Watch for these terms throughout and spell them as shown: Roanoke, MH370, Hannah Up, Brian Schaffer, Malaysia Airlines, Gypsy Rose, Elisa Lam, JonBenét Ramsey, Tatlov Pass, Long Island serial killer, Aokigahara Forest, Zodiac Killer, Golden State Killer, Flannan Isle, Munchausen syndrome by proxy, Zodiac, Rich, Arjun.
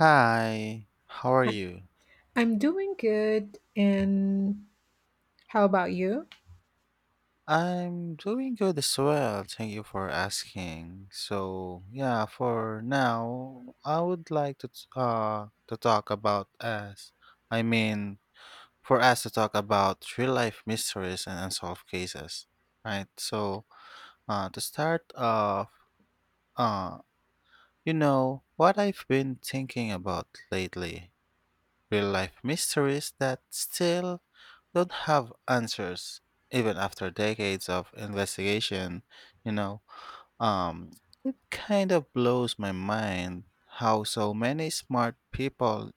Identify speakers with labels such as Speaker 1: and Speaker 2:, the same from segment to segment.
Speaker 1: Hi, how are you?
Speaker 2: I'm doing good. And how about you?
Speaker 1: I'm doing good as well. Thank you for asking. So, yeah, for now, I would like to to talk about us. I mean, for us to talk about real life mysteries and unsolved cases, right? So, to start off, uh, you know what I've been thinking about lately. Real life mysteries that still don't have answers even after decades of investigation you know um it kind of blows my mind how so many smart people,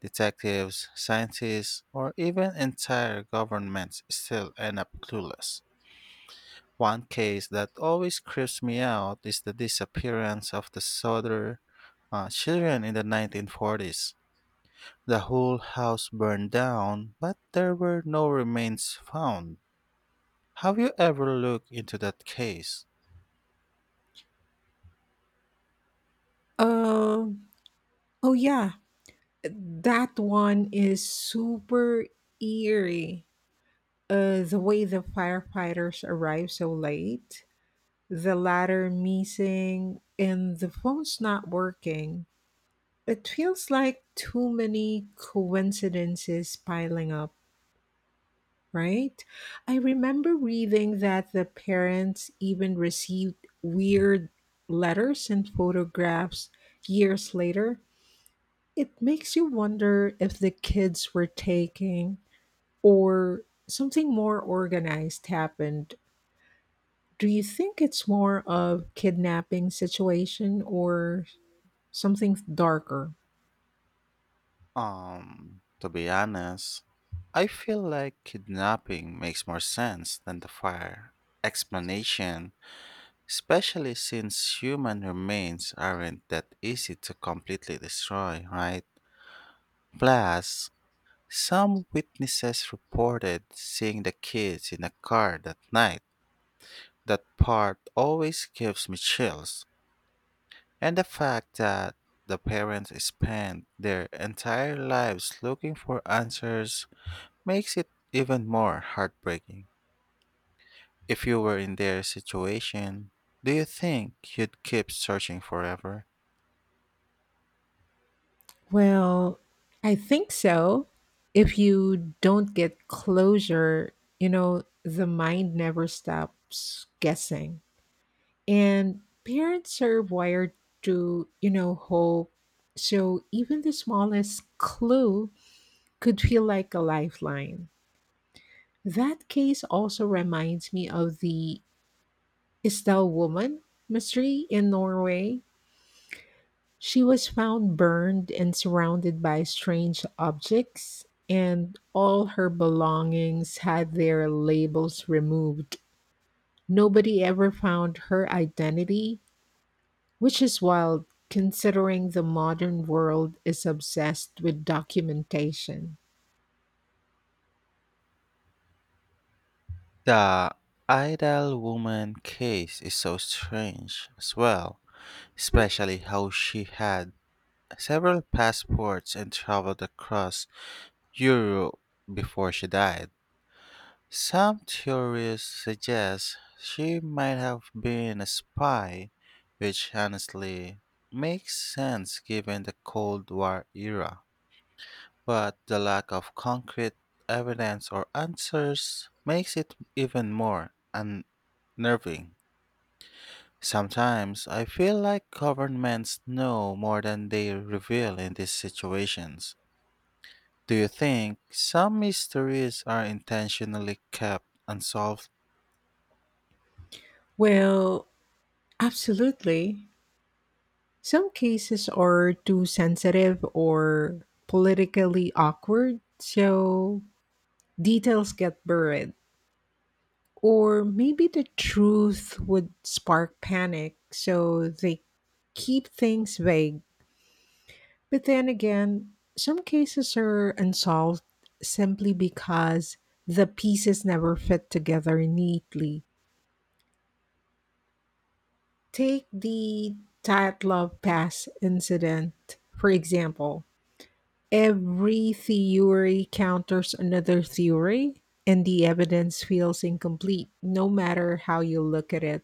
Speaker 1: detectives, scientists, or even entire governments still end up clueless. One case that always creeps me out is the disappearance of the Souther children in the 1940s. The whole house burned down, but there were no remains found. Have you ever looked into that case?
Speaker 2: Um, oh yeah, that one is super eerie. The way the firefighters arrive so late, the latter missing and the phone's not working. It feels like too many coincidences piling up, right? I remember reading that the parents even received weird letters and photographs years later. It makes you wonder if the kids were taking or something more organized happened. Do you think it's more of kidnapping situation or something darker?
Speaker 1: To be honest, I feel like kidnapping makes more sense than the fire explanation, especially since human remains aren't that easy to completely destroy, right? Plus, some witnesses reported seeing the kids in a car that night. That part always gives me chills. And the fact that the parents spend their entire lives looking for answers makes it even more heartbreaking. If you were in their situation, do you think you'd keep searching forever?
Speaker 2: Well, I think so. If you don't get closure, the mind never stops guessing. And parents are wired to, hope. So even the smallest clue could feel like a lifeline. That case also reminds me of the Estelle woman mystery in Norway. She was found burned and surrounded by strange objects, and all her belongings had their labels removed. Nobody ever found her identity, which is wild considering the modern world is obsessed with documentation.
Speaker 1: The idle woman case is so strange as well, especially how she had several passports and traveled across Europe before she died. Some theories suggest she might have been a spy, which honestly makes sense given the Cold War era. But the lack of concrete evidence or answers makes it even more unnerving. Sometimes I feel like governments know more than they reveal in these situations. Do you think some mysteries are intentionally kept unsolved?
Speaker 2: Well, absolutely. Some cases are too sensitive or politically awkward, so details get buried. Or maybe the truth would spark panic, so they keep things vague. But then again, some cases are unsolved simply because the pieces never fit together neatly. Take the Tatlov Pass incident, for example. Every theory counters another theory, and the evidence feels incomplete no matter how you look at it.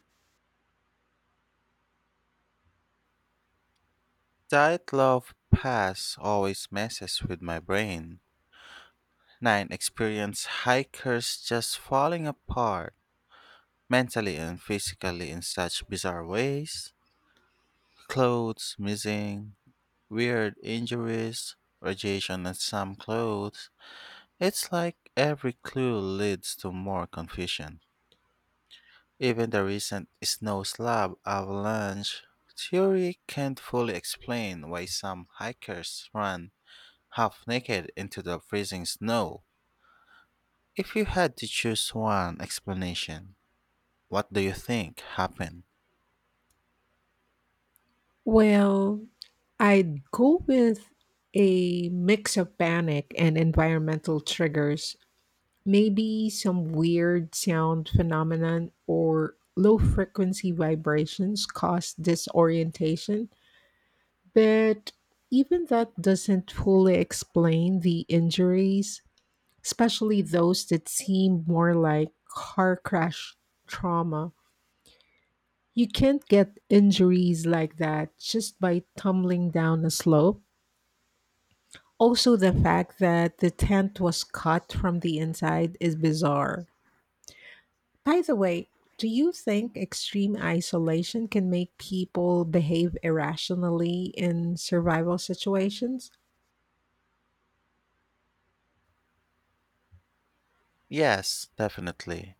Speaker 1: Love Pass always messes with my brain. Nine experienced hikers just falling apart mentally and physically in such bizarre ways. Clothes missing, weird injuries, radiation on some clothes. It's like every clue leads to more confusion. Even the recent snow slab avalanche theory can't fully explain why some hikers run half naked into the freezing snow. If you had to choose one explanation, what do you think happened?
Speaker 2: Well, I'd go with a mix of panic and environmental triggers, maybe some weird sound phenomenon or low frequency vibrations cause disorientation. But even that doesn't fully explain the injuries, especially those that seem more like car crash trauma. You can't get injuries like that just by tumbling down a slope. Also, the fact that the tent was cut from the inside is bizarre. By the way, do you think extreme isolation can make people behave irrationally in survival situations?
Speaker 1: Yes, definitely.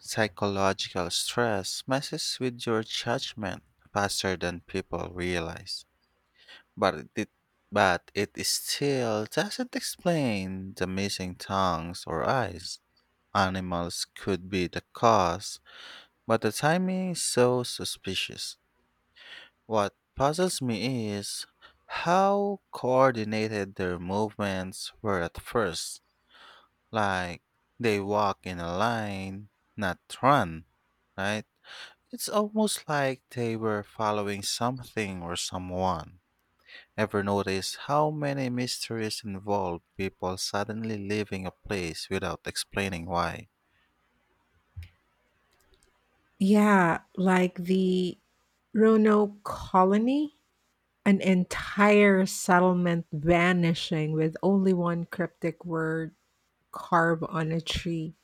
Speaker 1: Psychological stress messes with your judgment faster than people realize. But it, it- but it is still doesn't explain the missing tongues or eyes. Animals could be the cause, but the timing is so suspicious. What puzzles me is how coordinated their movements were at first. Like, they walk in a line, not run, right? It's almost like they were following something or someone. Ever notice how many mysteries involve people suddenly leaving a place without explaining why?
Speaker 2: Yeah, like the Roanoke colony, an entire settlement vanishing with only one cryptic word carved on a tree,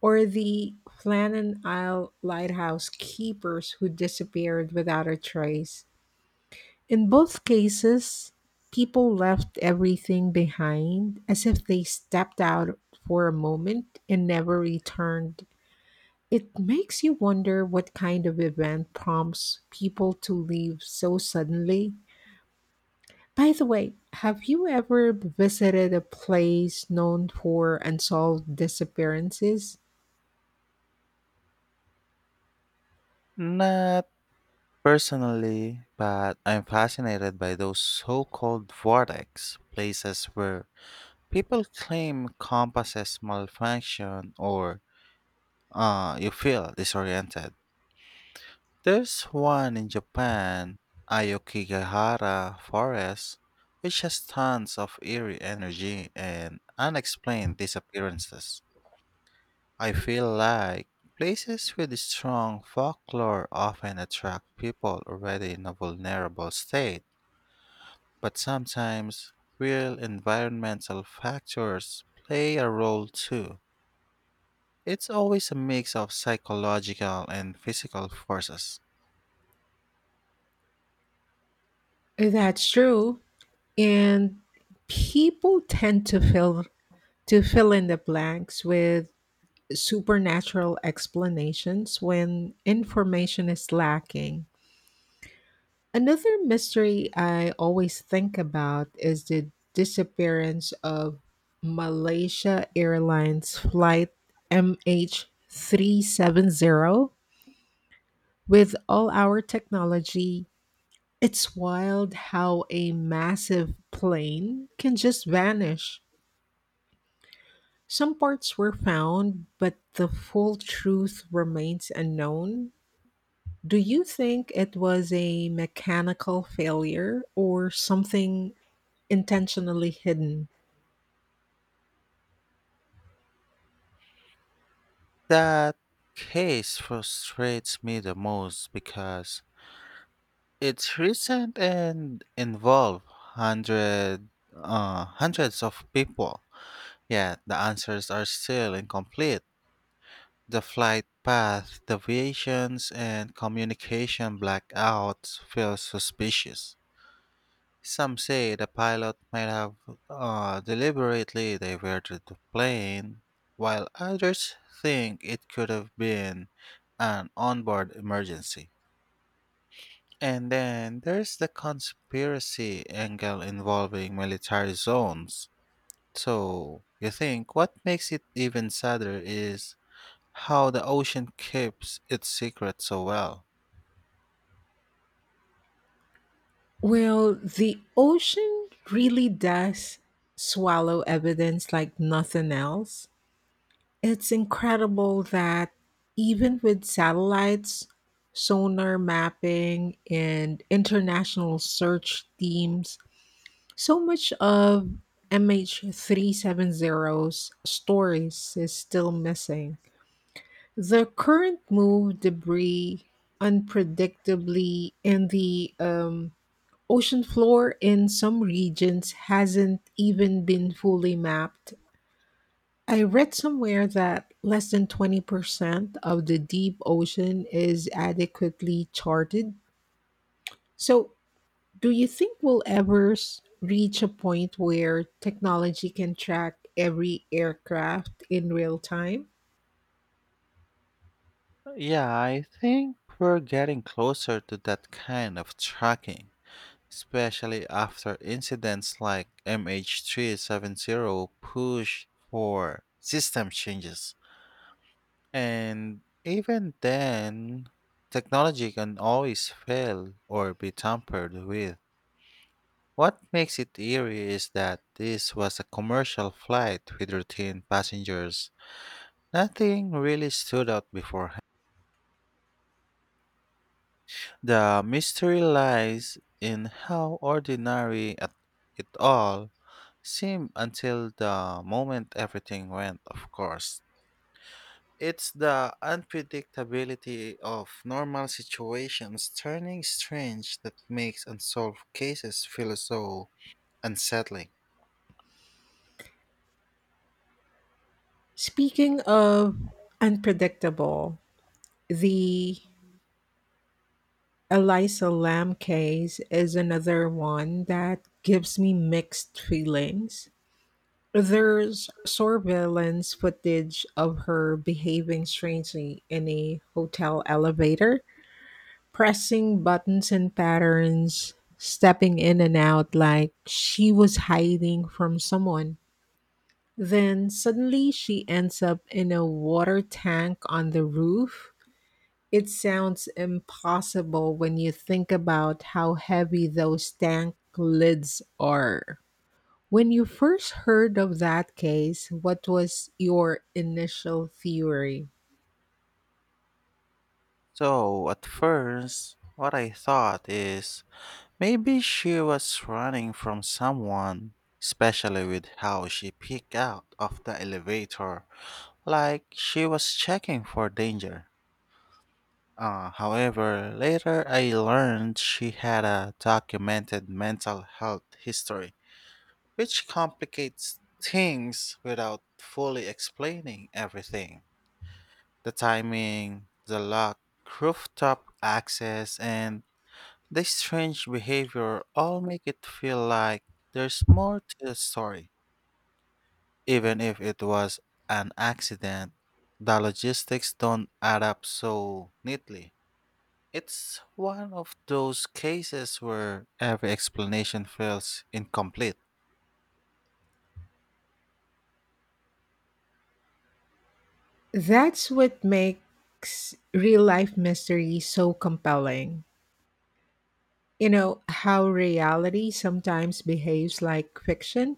Speaker 2: or the Flannan Isle lighthouse keepers who disappeared without a trace. In both cases, people left everything behind as if they stepped out for a moment and never returned. It makes you wonder what kind of event prompts people to leave so suddenly. By the way, have you ever visited a place known for unsolved disappearances?
Speaker 1: Not personally, but I'm fascinated by those so called vortex places where people claim compasses malfunction or you feel disoriented. There's one in Japan, Ayokigahara Forest, which has tons of eerie energy and unexplained disappearances. I feel like places with strong folklore often attract people already in a vulnerable state, but sometimes real environmental factors play a role too. It's always a mix of psychological and physical forces.
Speaker 2: That's true. And people tend to fill in the blanks with supernatural explanations when information is lacking. Another mystery I always think about is the disappearance of Malaysia Airlines flight MH370. With all our technology, it's wild how a massive plane can just vanish. Some parts were found, but the full truth remains unknown. Do you think it was a mechanical failure or something intentionally hidden?
Speaker 1: That case frustrates me the most because it's recent and involved hundred, hundreds of people, yet the answers are still incomplete. The flight path deviations and communication blackouts feel suspicious. Some say the pilot might have deliberately diverted the plane, while others think it could have been an onboard emergency. And then there's the conspiracy angle involving military zones. So you think what makes it even sadder is how the ocean keeps its secret so well.
Speaker 2: Well, the ocean really does swallow evidence like nothing else. It's incredible that even with satellites, sonar mapping, and international search teams, so much of mh 37 zeros stories is still missing. The current moved debris unpredictably, and the ocean floor in some regions hasn't even been fully mapped. I read somewhere that less than 20% of the deep ocean is adequately charted. So do you think we'll ever reach a point where technology can track every aircraft in real time?
Speaker 1: Yeah, I think we're getting closer to that kind of tracking, especially after incidents like MH370 push for system changes. And even then, technology can always fail or be tampered with. What makes it eerie is that this was a commercial flight with routine passengers. Nothing really stood out beforehand. The mystery lies in how it all Same until the moment everything went, of course. It's the unpredictability of normal situations turning strange that makes unsolved cases feel so unsettling.
Speaker 2: Speaking of unpredictable, the Elisa Lam case is another one that gives me mixed feelings. There's surveillance footage of her behaving strangely in a hotel elevator, pressing buttons and patterns, stepping in and out like she was hiding from someone. Then suddenly she ends up in a water tank on the roof. It sounds impossible when you think about how heavy those tank lids are. When you first heard of that case, what was your initial theory?
Speaker 1: So, at first, what I thought is maybe she was running from someone, especially with how she peeked out of the elevator, like she was checking for danger. However, later I learned she had a documented mental health history, which complicates things without fully explaining everything. The timing, the lack, rooftop access, and the strange behavior all make it feel like there's more to the story. Even if it was an accident, the logistics don't add up so neatly. It's one of those cases where every explanation feels incomplete.
Speaker 2: That's what makes real life mystery so compelling. You know how reality sometimes behaves like fiction.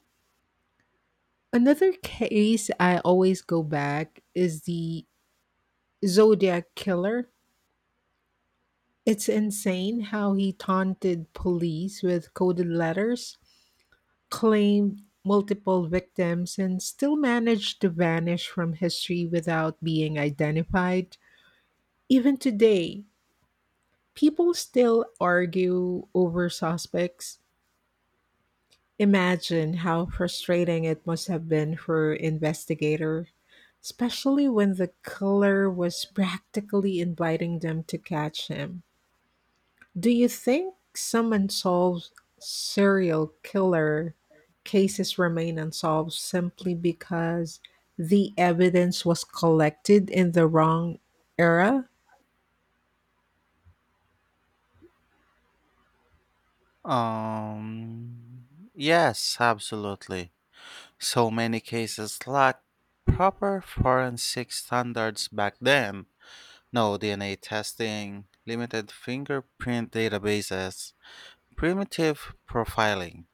Speaker 2: Another case I always go back is the Zodiac Killer. It's insane how he taunted police with coded letters, claimed multiple victims, and still managed to vanish from history without being identified. Even today, people still argue over suspects. Imagine how frustrating it must have been for investigator, especially when the killer was practically inviting them to catch him. Do you think some unsolved serial killer cases remain unsolved simply because the evidence was collected in the wrong era?
Speaker 1: Um, yes, absolutely. So many cases lack proper forensic standards back then. No DNA testing, limited fingerprint databases, primitive profiling.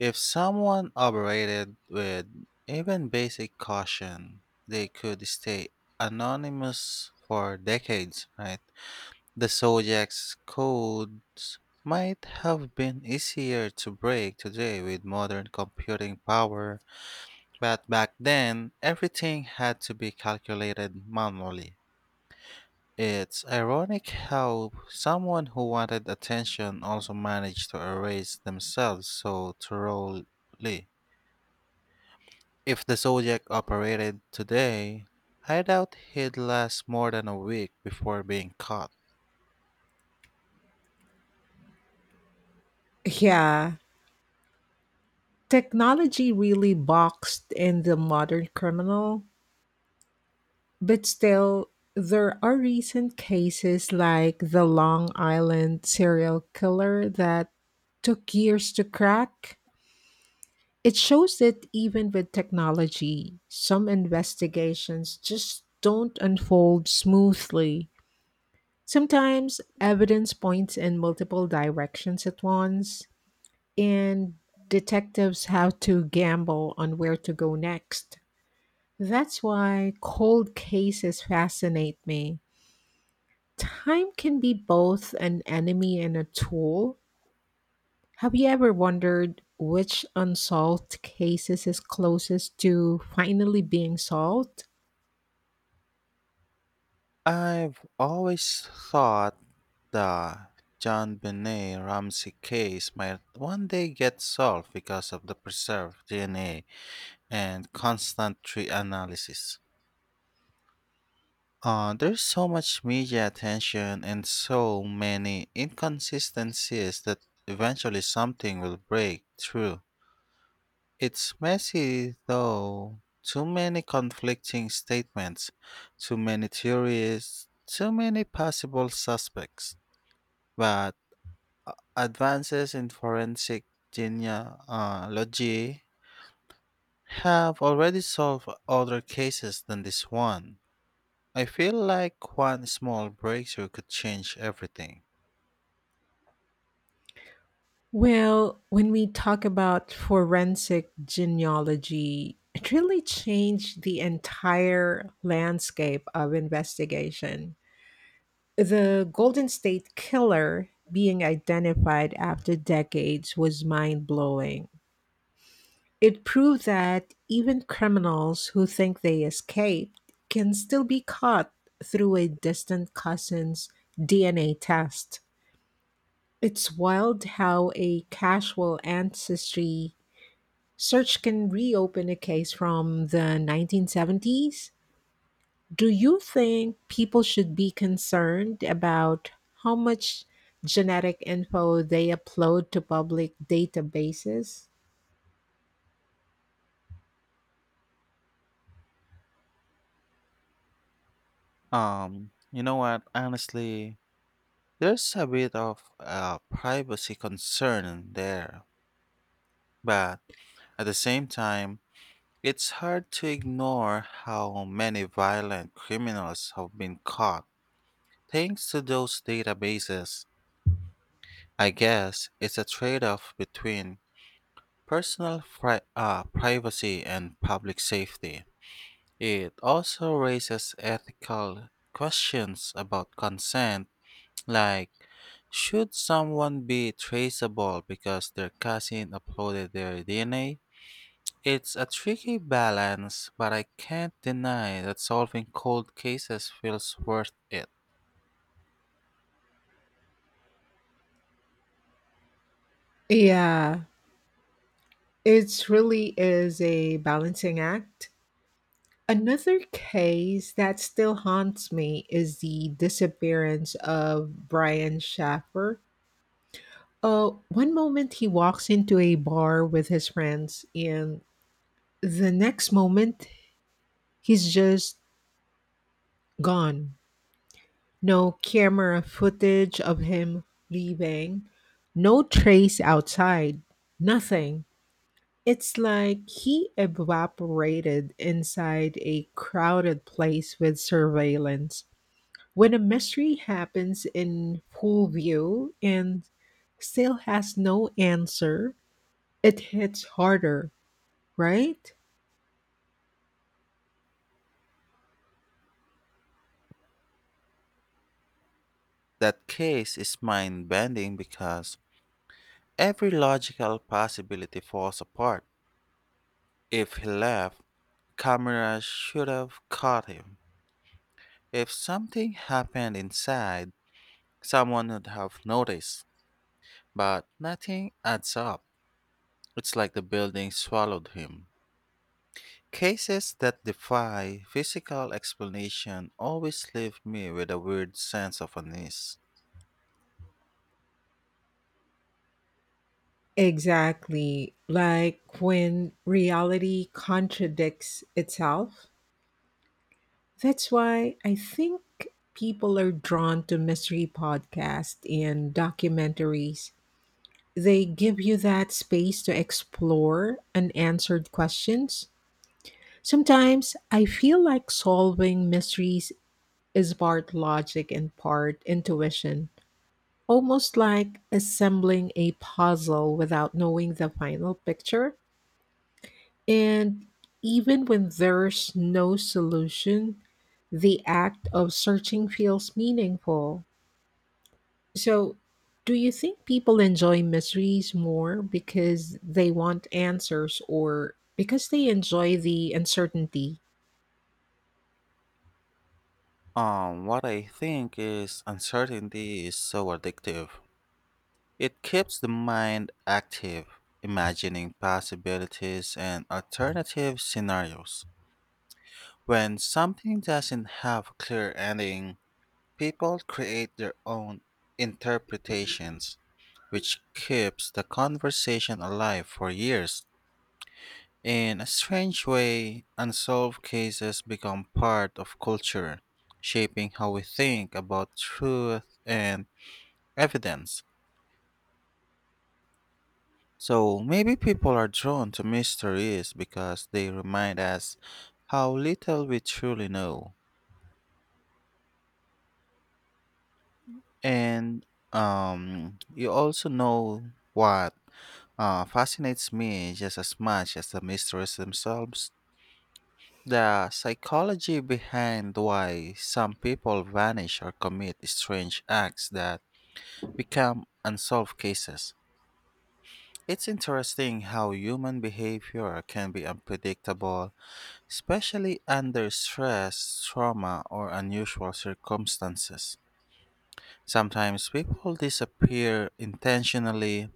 Speaker 1: If someone operated with even basic caution, they could stay anonymous for decades, right? The Zodiac's codes might have been easier to break today with modern computing power, but back then everything had to be calculated manually. It's ironic how someone who wanted attention also managed to erase themselves so thoroughly. If the Zodiac operated today, I doubt he'd last more than a week before being caught.
Speaker 2: Yeah, technology really boxed in the modern criminal, but still, there are recent cases like the Long Island serial killer that took years to crack. It shows that even with technology, some investigations just don't unfold smoothly. Sometimes evidence points in multiple directions at once, and detectives have to gamble on where to go next. That's why cold cases fascinate me. Time can be both an enemy and a tool. Have you ever wondered which unsolved cases is closest to finally being solved?
Speaker 1: I've always thought the John Benet Ramsey case might one day get solved because of the preserved DNA and constant reanalysis. There's so much media attention and so many inconsistencies that eventually something will break through. It's messy though. Too many conflicting statements, too many theories, too many possible suspects. But advances in forensic genealogy have already solved other cases than this one. I feel like one small breakthrough could change everything.
Speaker 2: Well, when we talk about forensic genealogy, it really changed the entire landscape of investigation. The Golden State Killer being identified after decades was mind blowing. It proved that even criminals who think they escaped can still be caught through a distant cousin's DNA test. It's wild how a casual ancestry search can reopen a case from the 1970s. Do you think people should be concerned about how much genetic info they upload to public databases?
Speaker 1: You know what? Honestly, there's a bit of a privacy concern there, but at the same time, it's hard to ignore how many violent criminals have been caught thanks to those databases. I guess it's a trade off between privacy and public safety. It also raises ethical questions about consent, like should someone be traceable because their cousin uploaded their DNA? It's a tricky balance, but I can't deny that solving cold cases feels worth it.
Speaker 2: Yeah, it really is a balancing act. Another case that still haunts me is the disappearance of Brian Schaffer. Oh, one moment he walks into a bar with his friends, and the next moment he's just gone. No camera footage of him leaving, no trace outside, nothing. It's like he evaporated inside a crowded place with surveillance. When a mystery happens in full view and still has no answer, it hits harder, right?
Speaker 1: That case is mind bending because every logical possibility falls apart. If he left, cameras should have caught him. If something happened inside, someone would have noticed, but nothing adds up. It's like the building swallowed him. Cases that defy physical explanation always leave me with a weird sense of unease.
Speaker 2: Exactly. Like when reality contradicts itself. That's why I think people are drawn to mystery podcasts and documentaries. They give you that space to explore unanswered questions. Sometimes I feel like solving mysteries is part logic and part intuition, almost like assembling a puzzle without knowing the final picture. And even when there's no solution, the act of searching feels meaningful. So, do you think people enjoy mysteries more because they want answers or because they enjoy the uncertainty?
Speaker 1: What I think is uncertainty is so addictive. It keeps the mind active, imagining possibilities and alternative scenarios. When something doesn't have a clear ending, people create their own interpretations, which keeps the conversation alive for years. In a strange way, unsolved cases become part of culture, shaping how we think about truth and evidence. So maybe people are drawn to mysteries because they remind us how little we truly know. And you also know what fascinates me just as much as the mysteries themselves: the psychology behind why some people vanish or commit strange acts that become unsolved cases. It's interesting how human behavior can be unpredictable, especially under stress, trauma, or unusual circumstances. Sometimes people disappear intentionally,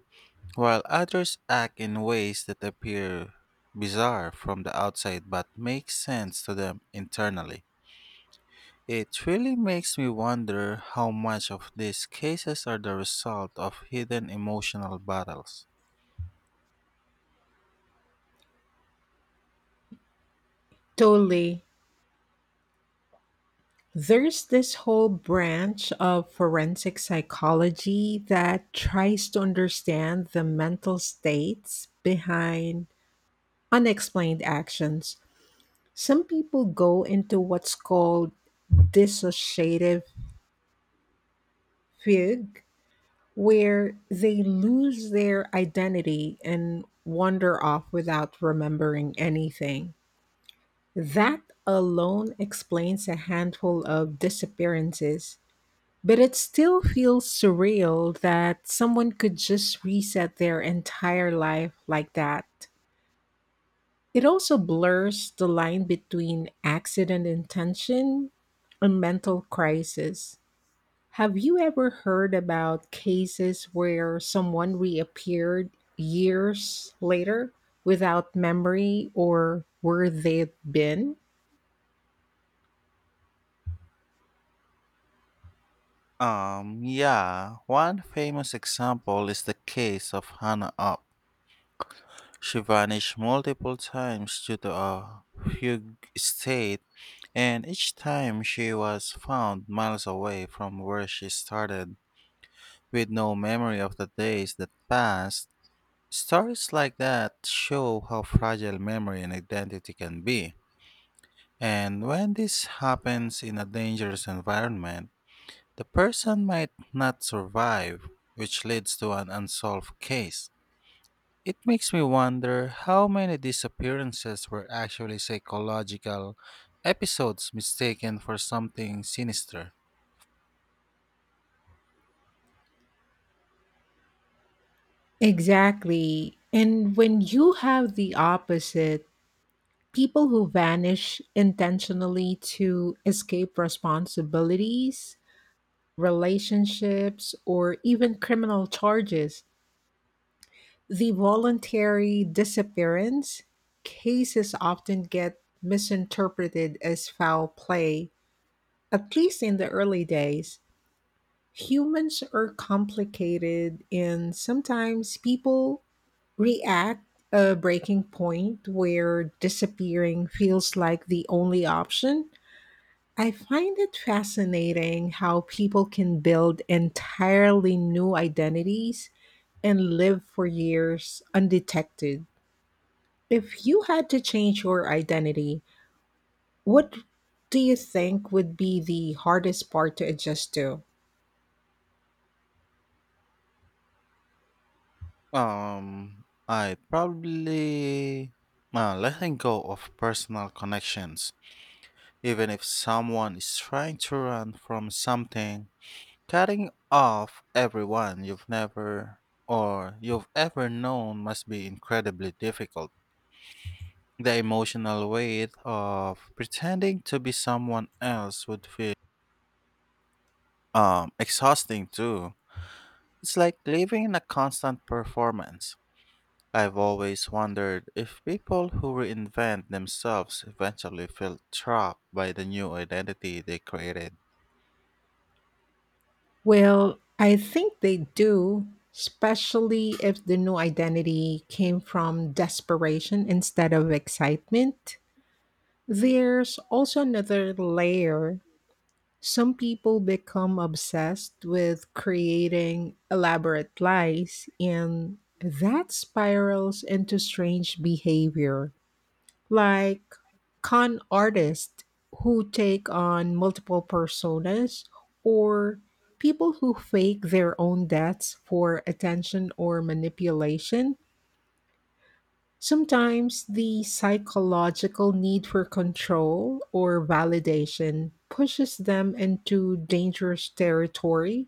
Speaker 1: while others act in ways that appear bizarre from the outside but make sense to them internally. It really makes me wonder how much of these cases are the result of hidden emotional battles.
Speaker 2: Totally. There's this whole branch of forensic psychology that tries to understand the mental states behind unexplained actions. Some people go into what's called dissociative fugue, where they lose their identity and wander off without remembering anything. That alone explains a handful of disappearances, but it still feels surreal that someone could just reset their entire life like that. It also blurs the line between accident intention and mental crisis. Have you ever heard about cases where someone reappeared years later without memory or where they'd been?
Speaker 1: Yeah, one famous example is the case of Hannah Up. She vanished multiple times due to a fugue state, and each time she was found miles away from where she started, with no memory of the days that passed. Stories like that show how fragile memory and identity can be. And when this happens in a dangerous environment, the person might not survive, which leads to an unsolved case. It makes me wonder how many disappearances were actually psychological episodes mistaken for something sinister.
Speaker 2: Exactly. And when you have the opposite, people who vanish intentionally to escape responsibilities, relationships, or even criminal charges, the voluntary disappearance cases often get misinterpreted as foul play, at least in the early days. Humans are complicated, and sometimes people react a breaking point where disappearing feels like the only option. I find it fascinating how people can build entirely new identities and live for years undetected. If you had to change your identity, what do you think would be the hardest part to adjust to?
Speaker 1: I probably letting go of personal connections. Even if someone is trying to run from something, cutting off everyone you've never or you've ever known must be incredibly difficult. The emotional weight of pretending to be someone else would feel exhausting too. It's like living in a constant performance. I've always wondered if people who reinvent themselves eventually feel trapped by the new identity they created.
Speaker 2: Well, I think they do, especially if the new identity came from desperation instead of excitement. There's also another layer. Some people become obsessed with creating elaborate lies, and that spirals into strange behavior like con artists who take on multiple personas or people who fake their own deaths for attention or manipulation. Sometimes the psychological need for control or validation pushes them into dangerous territory.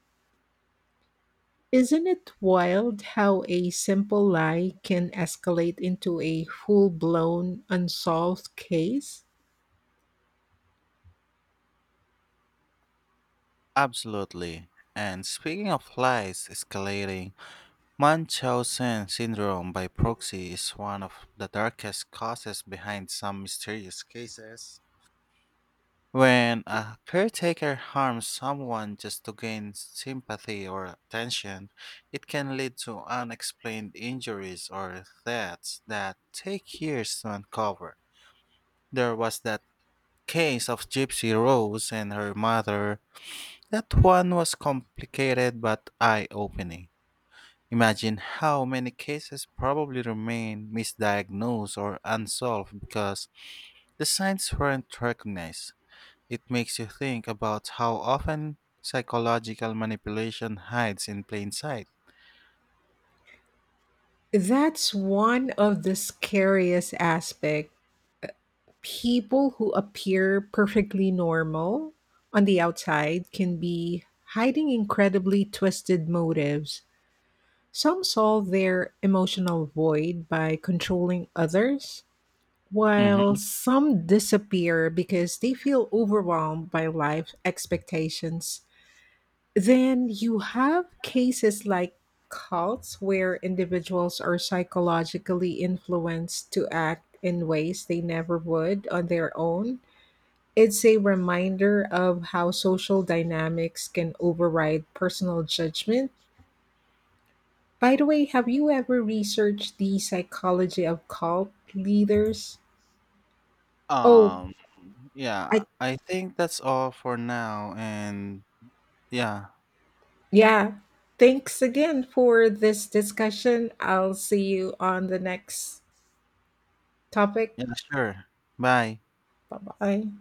Speaker 2: Isn't it wild how a simple lie can escalate into a full blown unsolved case?
Speaker 1: Absolutely. And speaking of lies escalating, Munchausen syndrome by proxy is one of the darkest causes behind some mysterious cases. When a caretaker harms someone just to gain sympathy or attention, it can lead to unexplained injuries or deaths that take years to uncover. There was that case of Gypsy Rose and her mother. That one was complicated but eye opening. Imagine how many cases probably remain misdiagnosed or unsolved because the signs weren't recognized. It makes you think about how often psychological manipulation hides in plain sight.
Speaker 2: That's one of the scariest aspect. People who appear perfectly normal on the outside can be hiding incredibly twisted motives. Some solve their emotional void by controlling others, while
Speaker 1: Hmm.
Speaker 2: some disappear because they feel overwhelmed by life expectations. Then you have cases like cults where individuals are psychologically influenced to act in ways they never would on their own. It's a reminder of how social dynamics can override personal judgment. By the way, have you ever researched the psychology of cult leaders? Oh,
Speaker 1: Um,
Speaker 2: I
Speaker 1: yeah, I think that's all for now. And yeah,
Speaker 2: yeah. Thanks again for this discussion. I'll see you on the next topic.
Speaker 1: yeah, sure. Bye.
Speaker 2: Bye bye.